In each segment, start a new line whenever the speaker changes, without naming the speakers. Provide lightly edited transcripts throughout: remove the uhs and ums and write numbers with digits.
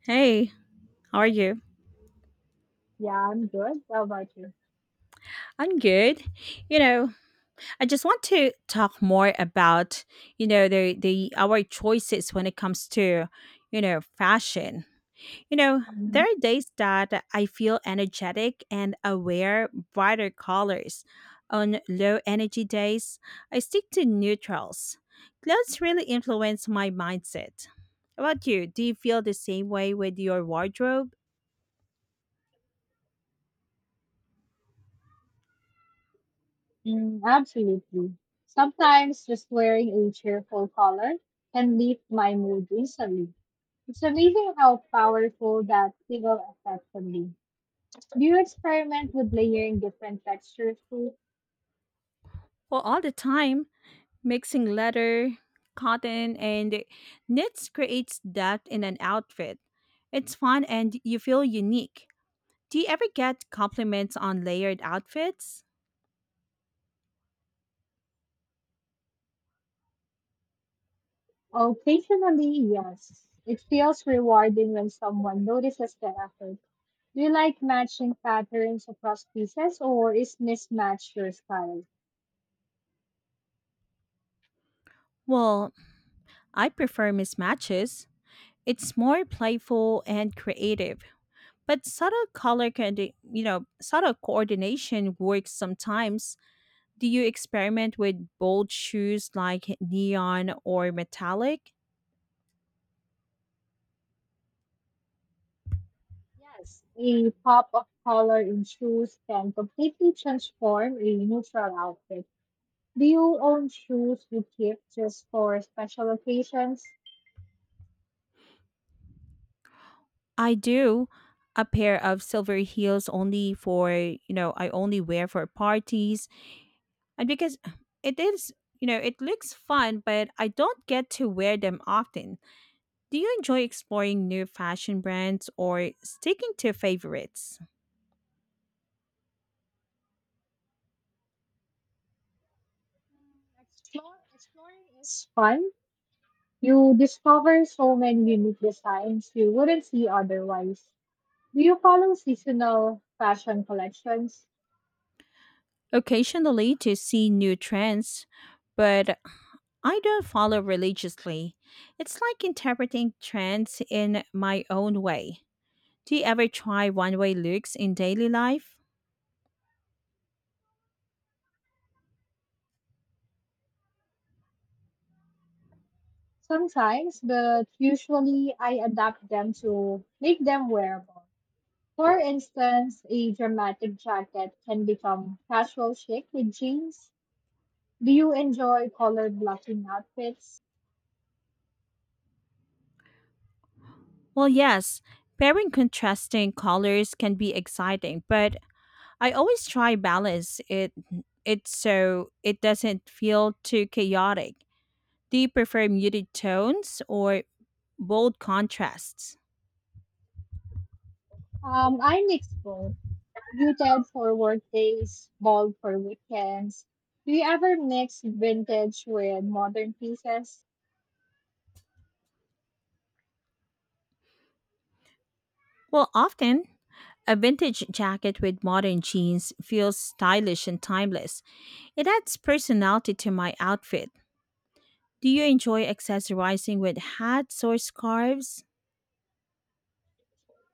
Hey, how are you?
Yeah, I'm good. How about you?
I'm good. You know, I just want to talk more about, the our choices when it comes to, fashion. There
Mm,
are days that I feel energetic and I wear brighter colors. On low energy days, I stick to neutrals. Clothes really influence my mindset. How about you? Do you feel the same way with your wardrobe?
mm, absolutely. Sometimes just wearing a cheerful color can lift my mood instantly. It's amazing how powerful that single effect can be. Do you experiment with layering different textures too?
Well, all the time. Mixing leather, cotton, and knits creates depth in an outfit. It's fun and you feel unique. Do you ever get compliments on layered outfits?
Occasionally, yes. It feels rewarding when someone notices the effort. Do you like matching patterns across pieces or is mismatch your style?
Well, I prefer mismatches. It's more playful and creative, but subtle color can, subtle coordination works sometimes. Do you experiment with bold shoes like neon or metallic?
Yes, a pop of color in shoes can completely transform a neutral outfit. Do you own shoes you keep just for special occasions?
I do a pair of silver heels only I only wear for parties. And because it is, you know, it looks fun, but I don't get to wear them often. Do you enjoy exploring new fashion brands or sticking to favorites?
Explore, exploring is fun. You discover so many unique designs you wouldn't see otherwise. Do you follow seasonal fashion collections?
Occasionally to see new trends, but I don't follow religiously. It's like interpreting trends in my own way. Do you ever try one way looks in daily life?
Sometimes, but usually I adapt them to make them wearable. For instance, a dramatic jacket can become casual chic with jeans. Do you enjoy color blocking outfits?
Well, yes. Pairing contrasting colors can be exciting, but I always try balance it so it doesn't feel too chaotic. Do you prefer muted tones or bold contrasts?
I mix both. Muted for work days, bold for weekends. Do you ever mix vintage with modern pieces?
Well, often a vintage jacket with modern jeans feels stylish and timeless. It adds personality to my outfit. Do you enjoy accessorizing with hats or scarves?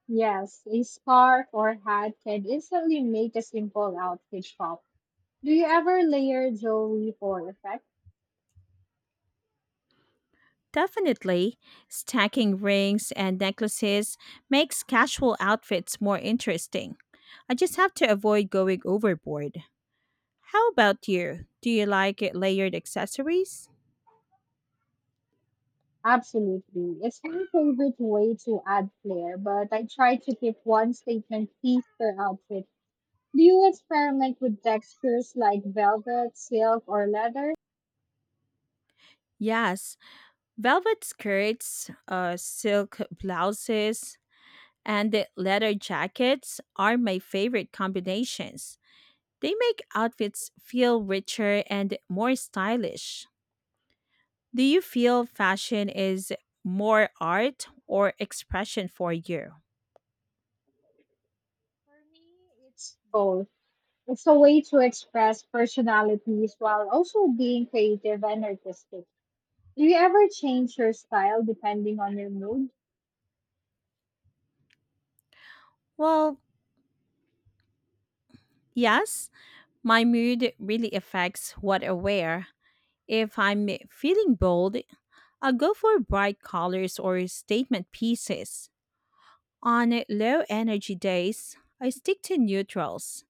Yes, a scarf or hat can instantly make a simple outfit pop. Do you ever layer jewelry for effect?
Definitely. Stacking rings and necklaces makes casual outfits more interesting. I just have to avoid going overboard. How about you? Do you like layered accessories?
Absolutely. It's my favorite way to add flair, but I try to keep one statement piece per outfit. Do you experiment with textures like velvet, silk, or leather?
Yes, velvet skirts, silk blouses, and the leather jackets are my favorite combinations. They make outfits feel richer and more stylish. Do you feel fashion is more art or expression for you?
For me, it's both. It's a way to express personalities while also being creative and artistic. Do you ever change your style depending on your mood?
Well, yes, my mood really affects what I wear. If I'm feeling bold, I'll go for bright colors or statement pieces. On low energy days, I stick to neutrals.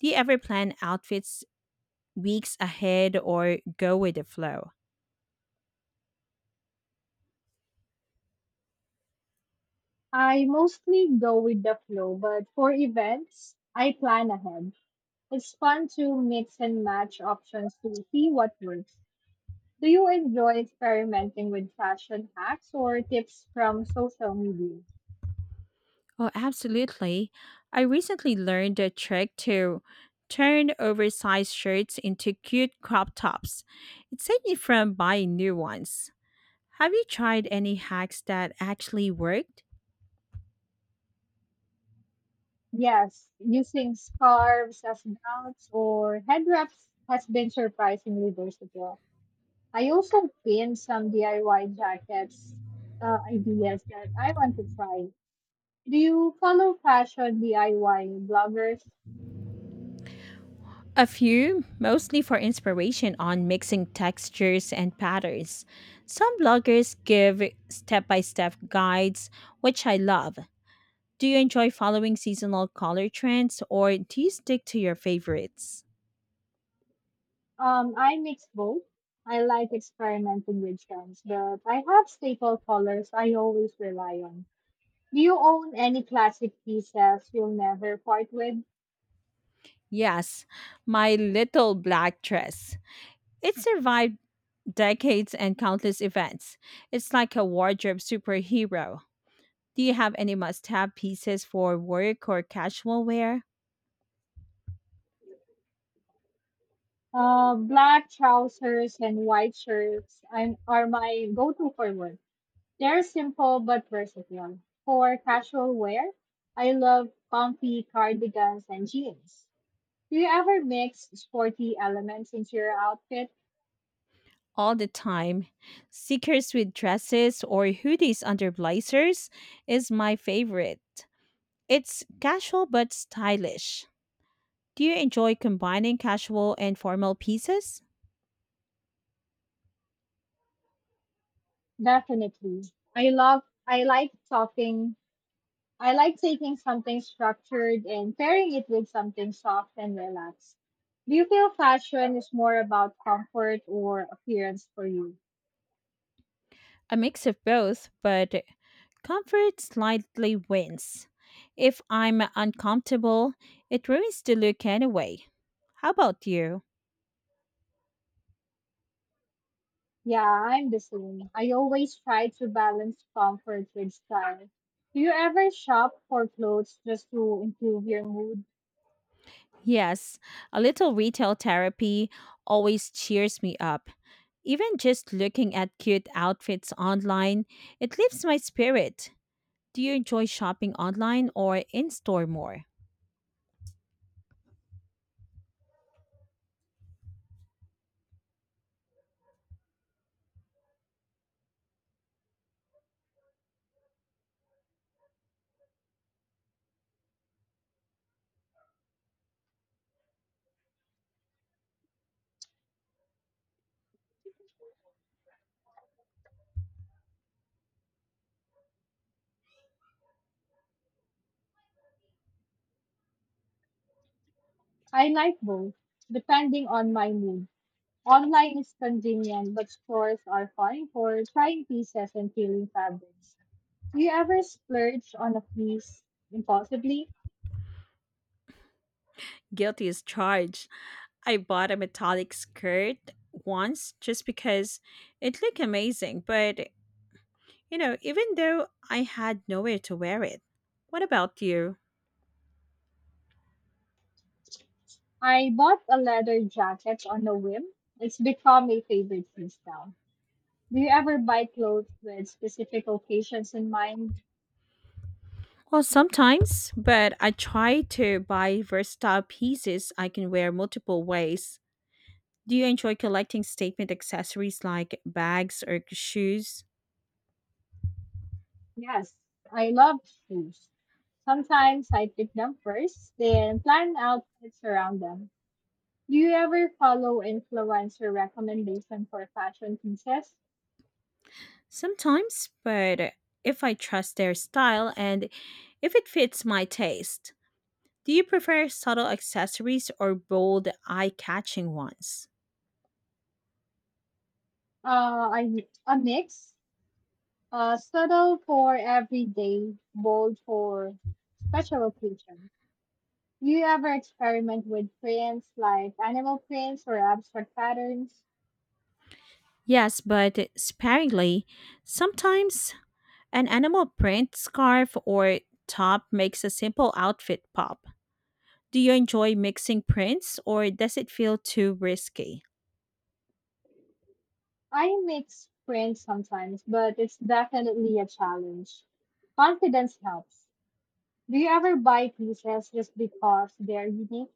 Do you ever plan outfits weeks ahead or go with the flow?
I mostly go with the flow, but for events, I plan ahead. It's fun to mix and match options to see what works. Do you enjoy experimenting with fashion hacks or tips from social media?
Oh, absolutely. I recently learned a trick to turn oversized shirts into cute crop tops. It saved me from buying new ones. Have you tried any hacks that actually worked?
Yes, using scarves as belts or head wraps has been surprisingly versatile. I also pinned some DIY jackets, ideas that I want to try. Do you follow fashion DIY bloggers?
A few, mostly for inspiration on mixing textures and patterns. Some bloggers give step by step guides, which I love. Do you enjoy following seasonal color trends or do you stick to your favorites?
I mix both. I like experimenting with trends, but I have staple colors I always rely on. Do you own any classic pieces you'll never part with?
Yes, my little black dress. It survived decades and countless events. It's like a wardrobe superhero. Do you have any must have pieces for work or casual wear?
Black trousers and white shirts are my go-to for work. They're simple but versatile. For casual wear, I love comfy cardigans and jeans. Do you ever mix sporty elements into your outfit?
All the time. Seekers with dresses or hoodies under blazers is my favorite. It's casual but stylish. Do you enjoy combining casual and formal pieces?
Definitely. I love, I like talking. I like taking something structured and pairing it with something soft and relaxed. Do you feel fashion is more about comfort or appearance for you?
A mix of both, but comfort slightly wins. If I'm uncomfortable, it ruins the look anyway. How about you?
Yeah, I'm the same. I always try to balance comfort with style. Do you ever shop for clothes just to improve your mood?
Yes, a little retail therapy always cheers me up. Even just looking at cute outfits online, it lifts my spirit. Do you enjoy shopping online or in store more?
I like both, depending on my mood. Online is convenient, but stores are fine for trying pieces and feeling fabrics. Do you ever splurge on a piece impulsively?
Guilty as charged. I bought a metallic skirt once just because it looked amazing, but even though I had nowhere to wear it. What about you?
I bought a leather jacket on a whim. It's become a favorite piece now. Do you ever buy clothes with specific occasions in mind?
Well, sometimes, but I try to buy versatile pieces I can wear multiple ways. Do you enjoy collecting statement accessories like bags or shoes?
Yes, I love shoes. Sometimes I pick them first, then plan outfits around them. Do you ever follow influencer recommendation for fashion pieces?
Sometimes, but if I trust their style and if it fits my taste. Do you prefer subtle accessories or bold, eye catching ones?
I a mix, subtle for everyday, bold for special occasions. Do you ever experiment with prints like animal prints or abstract patterns?
Yes, but sparingly. Sometimes an animal print scarf or top makes a simple outfit pop. Do you enjoy mixing prints or does it feel too risky?
I mix prints sometimes, but it's definitely a challenge. Confidence helps. Do you ever buy pieces just because they're unique?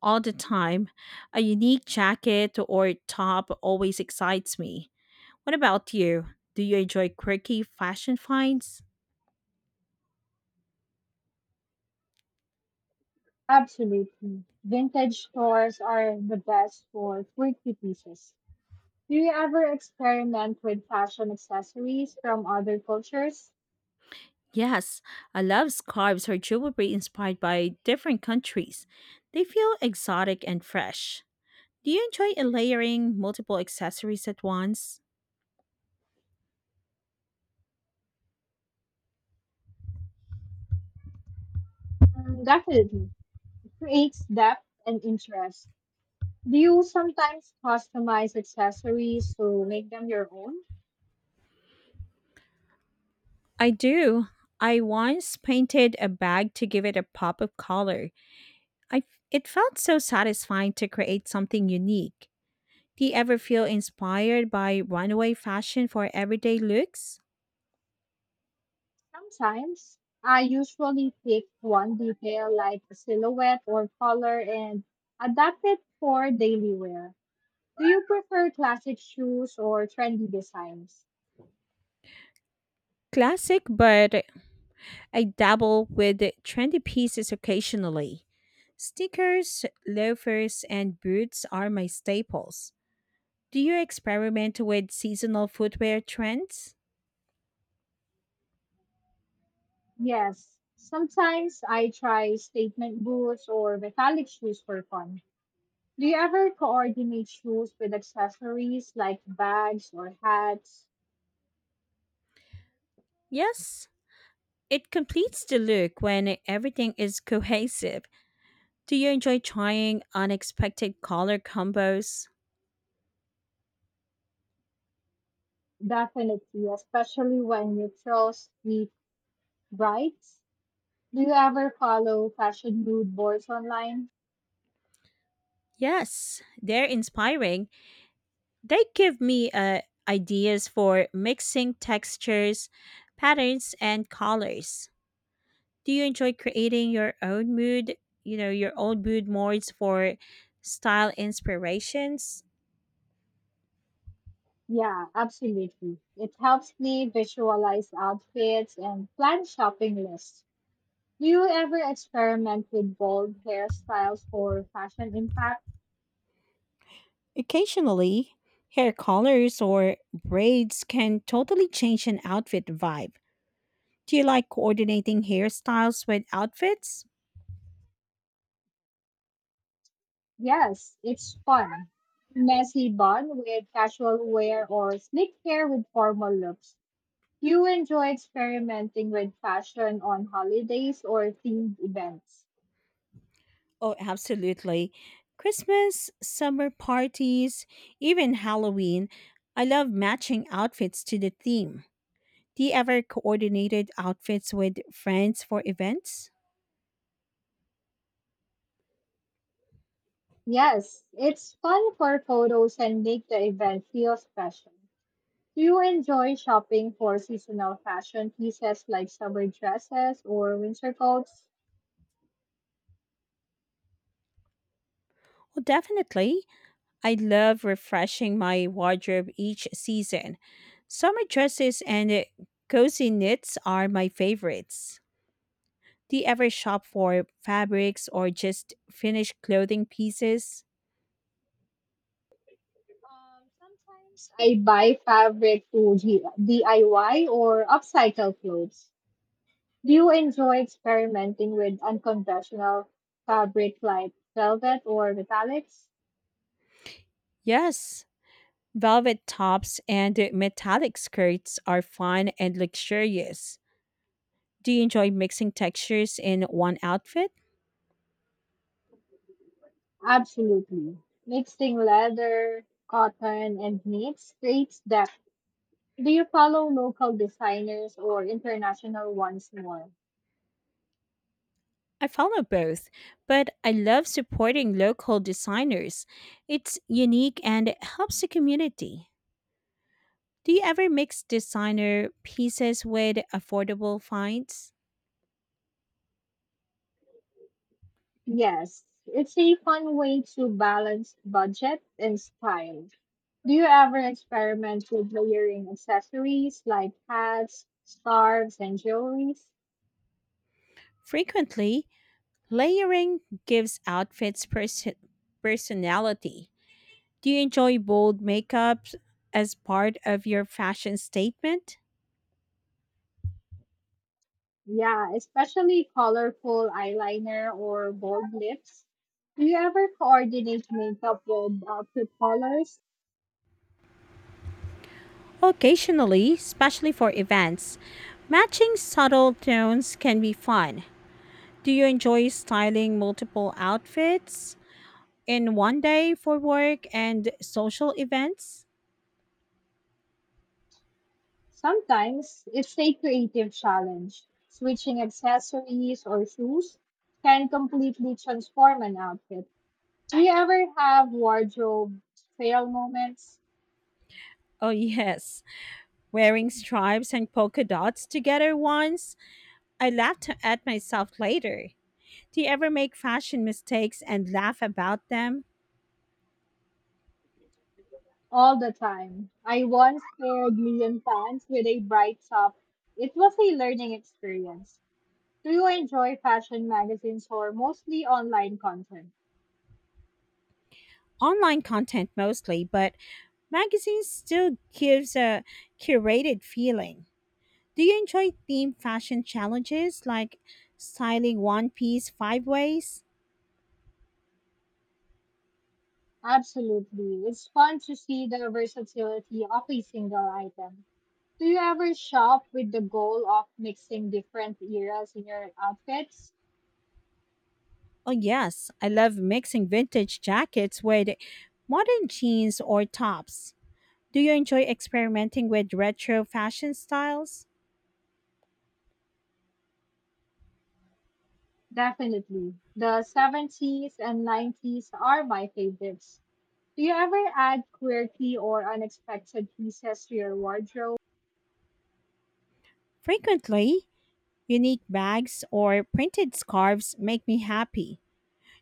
All the time, a unique jacket or top always excites me. What about you? Do you enjoy quirky fashion finds?
Absolutely. Vintage stores are the best for quirky pieces. Do you ever experiment with fashion accessories from other cultures?
Yes, I love scarves or jewelry inspired by different countries. They feel exotic and fresh. Do you enjoy layering multiple accessories at once?
Definitely. It creates depth and interest. Do you sometimes customize accessories to make them your own?
I do. I once painted a bag to give it a pop of color. I it felt so satisfying to create something unique. Do you ever feel inspired by runaway fashion for everyday looks?
Sometimes. I usually pick one detail like a silhouette or color and adapt it for daily wear. Do you prefer classic shoes or trendy designs?
Classic, but I dabble with trendy pieces occasionally. Sneakers, loafers, and boots are my staples. Do you experiment with seasonal footwear trends?
Yes. Sometimes I try statement boots or metallic shoes for fun. Do you ever coordinate shoes with accessories like bags or hats?
Yes, it completes the look when everything is cohesive. Do you enjoy trying unexpected color combos?
Definitely, especially when you trust the brides. Do you ever follow fashion mood boards online?
Yes, they're inspiring. They give me ideas for mixing textures, patterns, and colors. Do you enjoy creating your own mood boards for style inspirations?
Yeah, absolutely. It helps me visualize outfits and plan shopping lists. Do you ever experiment with bold hairstyles for fashion impact?
Occasionally, hair colors or braids can totally change an outfit vibe. Do you like coordinating hairstyles with outfits?
Yes, it's fun. Messy bun with casual wear or sleekwear with formal looks. You enjoy experimenting with fashion on holidays or themed events.
Oh, absolutely. Christmas, summer parties, even Halloween. I love matching outfits to the theme. Do you ever coordinated outfits with friends for events?
Yes, it's fun for photos and make the event feel special. Do you enjoy shopping for seasonal fashion pieces like summer dresses or winter coats?
Well, definitely. I love refreshing my wardrobe each season. Summer dresses and cozy knits are my favorites. Do you ever shop for fabrics or just finished clothing pieces?
Sometimes I buy DIY or upcycle clothes. Do you enjoy experimenting with unconventional fabric like velvet or metallics?
Yes, velvet tops and metallic skirts are fun and luxurious. Do you enjoy mixing textures in one outfit?
Absolutely. Mixing leather, cotton, and knits creates depth. Do you follow local designers or international ones more?
I follow both, but I love supporting local designers. It's unique and helps the community. Do you ever mix designer pieces with affordable finds?
Yes, it's a fun way to balance budget and style. Do you ever experiment with layering accessories like hats, scarves, and jewelries?
Frequently, layering gives outfits personality. Do you enjoy bold makeups as part of your fashion statement?
Yeah, especially colorful eyeliner or bold lips. Do you ever coordinate makeup with outfit colors?
Occasionally, especially for events, matching subtle tones can be fun. Do you enjoy styling multiple outfits in one day for work and social events?
Sometimes it's a creative challenge. Switching accessories or shoes can completely transform an outfit. Do you ever have wardrobe fail moments?
Oh, yes. Wearing stripes and polka dots together once. I laughed at myself later. Do you ever make fashion mistakes and laugh about them?
All the time. I once paired neon pants with a bright top. It was a learning experience. Do you enjoy fashion magazines or mostly online content?
Online content mostly, but magazines still gives a curated feeling. Do you enjoy themed fashion challenges like styling one piece five ways?
Absolutely. It's fun to see the versatility of a single item. Do you ever shop with the goal of mixing different eras in your outfits?
Oh, yes, I love mixing vintage jackets with modern jeans or tops. Do you enjoy experimenting with retro fashion styles?
Definitely. The 70s and 90s are my favorites. Do you ever add quirky or unexpected pieces to your wardrobe?
Frequently, unique bags or printed scarves make me happy.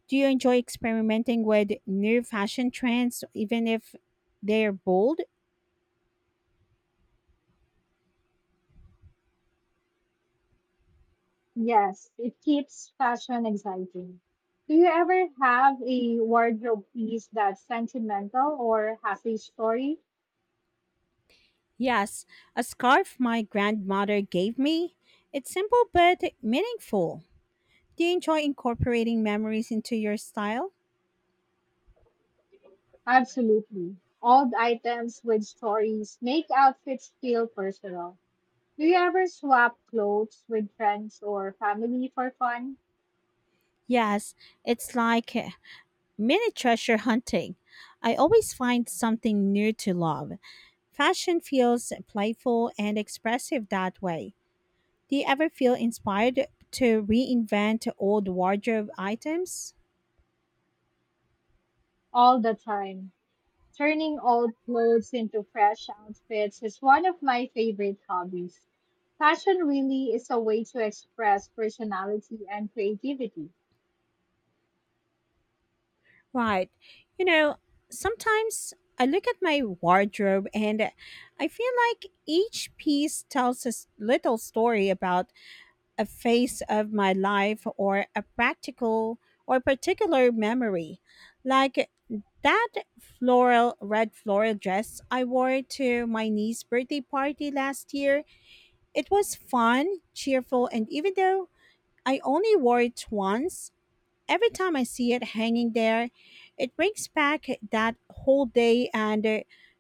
Do you enjoy experimenting with new fashion trends, even if they're bold?
Yes, it keeps fashion exciting. Do you ever have a wardrobe piece that's sentimental or has a story?
Yes, a scarf my grandmother gave me. It's simple but meaningful. Do you enjoy incorporating memories into your style?
Absolutely. Old items with stories make outfits feel personal. Do you ever swap clothes with friends or family for fun?
Yes, it's like mini treasure hunting. I always find something new to love. Fashion feels playful and expressive that way. Do you ever feel inspired to reinvent old wardrobe items?
All the time. Turning old clothes into fresh outfits is one of my favorite hobbies. Fashion really is a way to express personality and creativity.
Right. You know, sometimes I look at my wardrobe and I feel like each piece tells a little story about a phase of my life or a practical or particular memory. Like that floral red floral dress I wore to my niece's birthday party last year. It was fun, cheerful, and even though I only wore it once. Every time I see it hanging there, it brings back that whole day and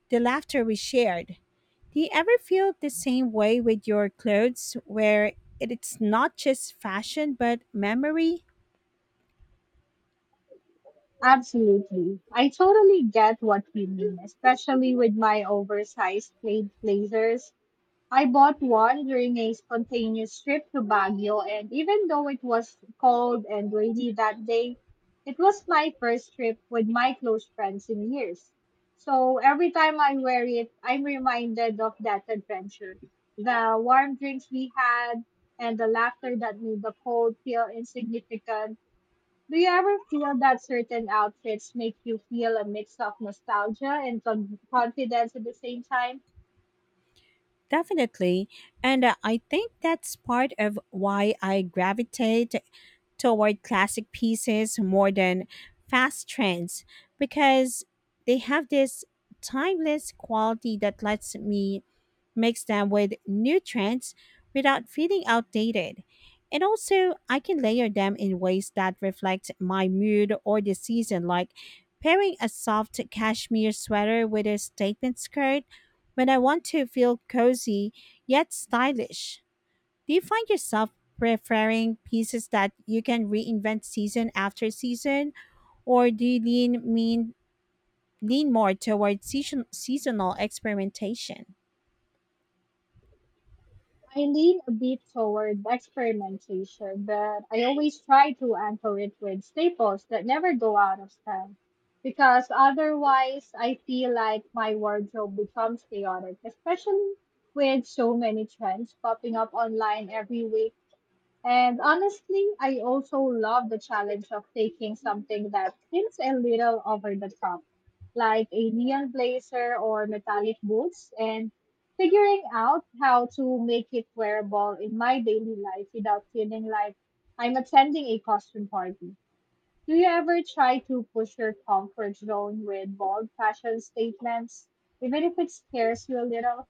the laughter we shared. Do you ever feel the same way with your clothes where it's not just fashion but memory?
Absolutely. I totally get what you mean, especially with my oversized plate blazers. I bought one during a spontaneous trip to Baguio, and even though it was cold and rainy that day, it was my first trip with my close friends in years. So every time I wear it, I'm reminded of that adventure. The warm drinks we had and the laughter that made the cold feel insignificant, do you ever feel that certain outfits make you feel a mix of nostalgia and confidence at the same time?
Definitely. And I think that's part of why I gravitate toward classic pieces more than fast trends because they have this timeless quality that lets me mix them with new trends without feeling outdated. And also, I can layer them in ways that reflect my mood or the season, like pairing a soft cashmere sweater with a statement skirt when I want to feel cozy yet stylish. Do you find yourself preferring pieces that you can reinvent season after season, or do you lean more toward seasonal experimentation?
I lean a bit toward experimentation, but I always try to anchor it with staples that never go out of style. Because otherwise, I feel like my wardrobe becomes chaotic, especially with so many trends popping up online every week. And honestly, I also love the challenge of taking something that seems a little over the top, like a neon blazer or metallic boots, and figuring out how to make it wearable in my daily life without feeling like I'm attending a costume party. Do you ever try to push your comfort zone with bold fashion statements, even if it scares you a little?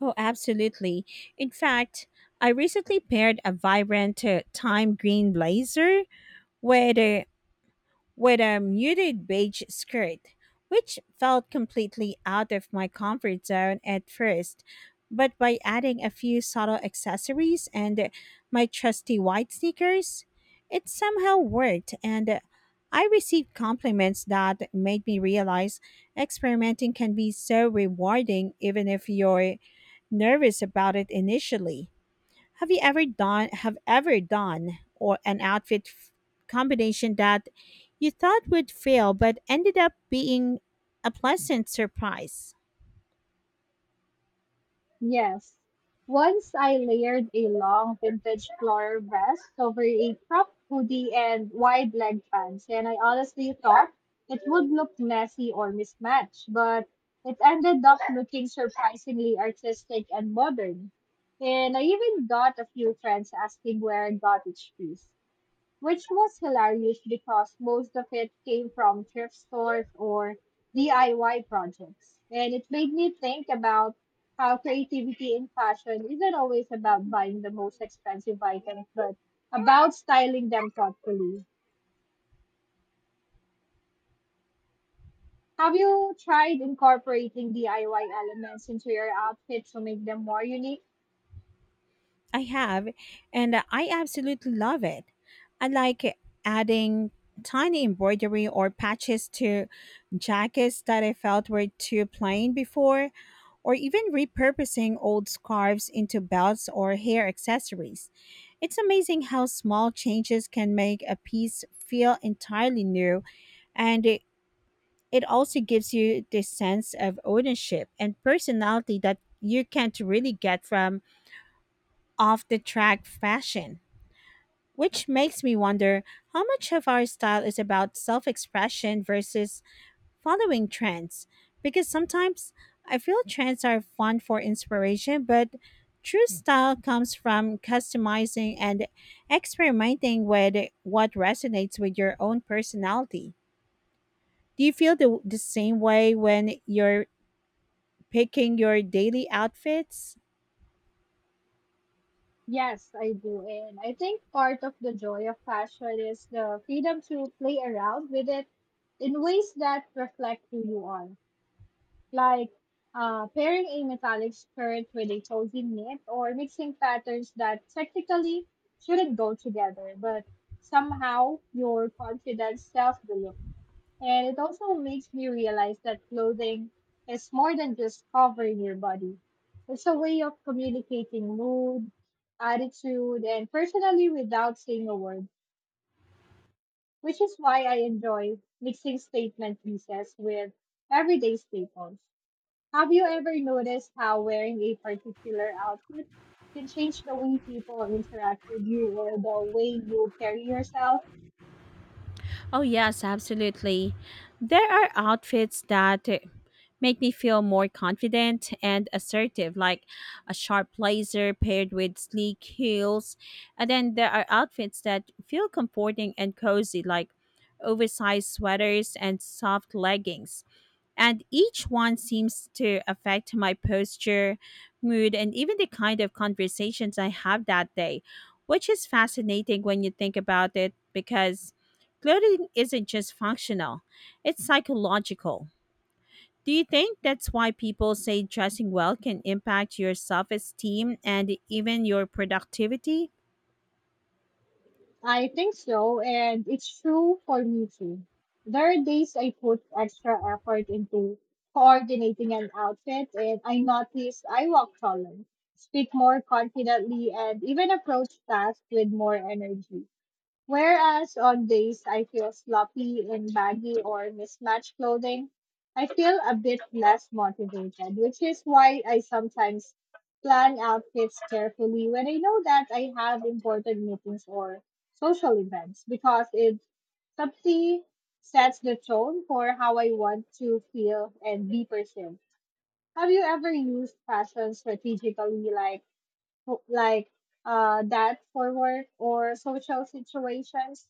Oh, absolutely. In fact, I recently paired a vibrant time green blazer with a with a muted beige skirt, which felt completely out of my comfort zone at first. But by adding a few subtle accessories and my trusty white sneakers, it somehow worked, and I received compliments that made me realize experimenting can be so rewarding even if you're nervous about it initially. Have you ever done have ever done or an outfit combination that you thought would fail but ended up being a pleasant surprise?
Yes. Once I layered a long vintage floral vest over a cropped hoodie and wide leg pants, and I honestly thought it would look messy or mismatched, but it ended up looking surprisingly artistic and modern. And I even got a few friends asking where I got each piece, which was hilarious because most of it came from thrift stores or DIY projects. And it made me think about how creativity in fashion isn't always about buying the most expensive items, but about styling them thoughtfully. Have you tried incorporating DIY elements into your outfit to make them more unique?
I have, and I absolutely love it. I like adding tiny embroidery or patches to jackets that I felt were too plain before, or even repurposing old scarves into belts or hair accessories. It's amazing how small changes can make a piece feel entirely new, and it also gives you this sense of ownership and personality that you can't really get from off the track fashion, which makes me wonder how much of our style is about self expression versus following trends. Because sometimes I feel trends are fun for inspiration, but true style comes from customizing and experimenting with what resonates with your own personality. Do you feel the same way when you're picking your daily outfits?
Yes, I do. And I think part of the joy of fashion is the freedom to play around with it in ways that reflect who you are. Like pairing a metallic skirt with a cozy knit or mixing patterns that technically shouldn't go together, but somehow your confidence self deluxe. And it also makes me realize that clothing is more than just covering your body. It's a way of communicating mood, attitude, and personally without saying a word, which is why I enjoy mixing statement pieces with everyday staples. Have you ever noticed how wearing a particular outfit can change the way people interact with you or the way you carry yourself?
Oh, yes, absolutely. There are outfits that make me feel more confident and assertive, like a sharp blazer paired with sleek heels. And then there are outfits that feel comforting and cozy, like oversized sweaters and soft leggings and each one seems to affect my posture, mood, and even the kind of conversations I have that day, which is fascinating when you think about it because clothing isn't just functional, it's psychological. Do you think that's why people say dressing well can impact your self esteem and even your productivity?
I think so, and it's true for me too. There are days I put extra effort into coordinating an outfit, and I notice I walk taller, speak more confidently, and even approach tasks with more energy. Whereas on days I feel sloppy in baggy or mismatched clothing, I feel a bit less motivated, which is why I sometimes plan outfits carefully when I know that I have important meetings or social events because it subtly sets the tone for how I want to feel and be perceived. Have you ever used fashion strategically, like that for work or social situations?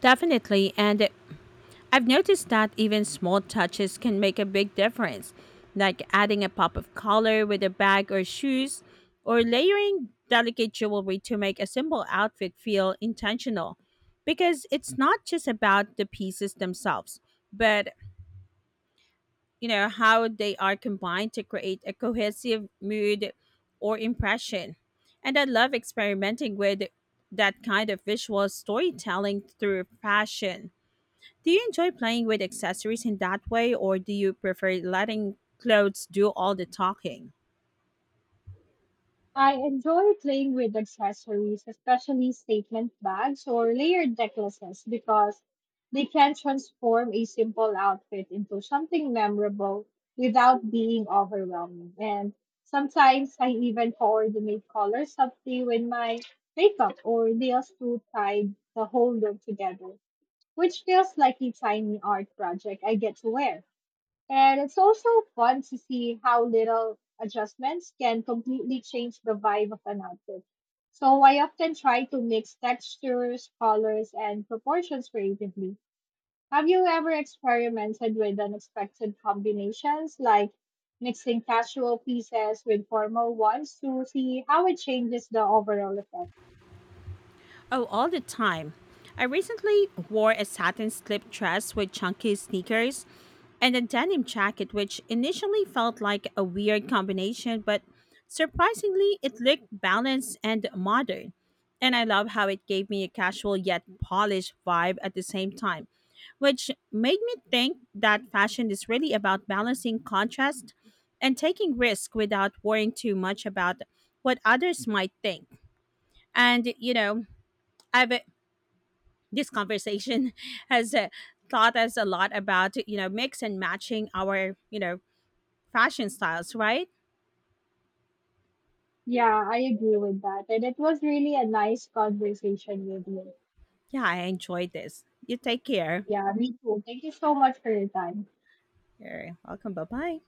Definitely. And I've noticed that even small touches can make a big difference, like adding a pop of color with a bag or shoes, or layering delicate jewelry to make a simple outfit feel intentional. Because it's not just about the pieces themselves, but you know how they are combined to create a cohesive mood or impression. And I love experimenting with that kind of visual storytelling through fashion. Do you enjoy playing with accessories in that way, or do you prefer letting clothes do all the talking?
I enjoy playing with accessories, especially statement bags or layered necklaces, because they can transform a simple outfit into something memorable without being overwhelming. And sometimes I even coordinate colors subtly with my makeup or nails to tie the whole look together, which feels like a tiny art project I get to wear. And it's also fun to see how little adjustments can completely change the vibe of an outfit. So I often try to mix textures, colors, and proportions creatively. Have you ever experimented with unexpected combinations, like mixing casual pieces with formal ones to see how it changes the overall effect?
Oh, all the time. I recently wore a satin slip dress with chunky sneakers and a denim jacket, which initially felt like a weird combination, but surprisingly, it looked balanced and modern. And I love how it gave me a casual yet polished vibe at the same time, which made me think that fashion is really about balancing contrast and taking risk without worrying too much about what others might think. And, I've this conversation has taught us a lot about mix and matching our fashion styles, right?
Yeah, I agree with that. And it was really a nice conversation with you.
Yeah, I enjoyed this. You take care.
Yeah, me too. Thank you so much for your time.
You're welcome. Bye bye.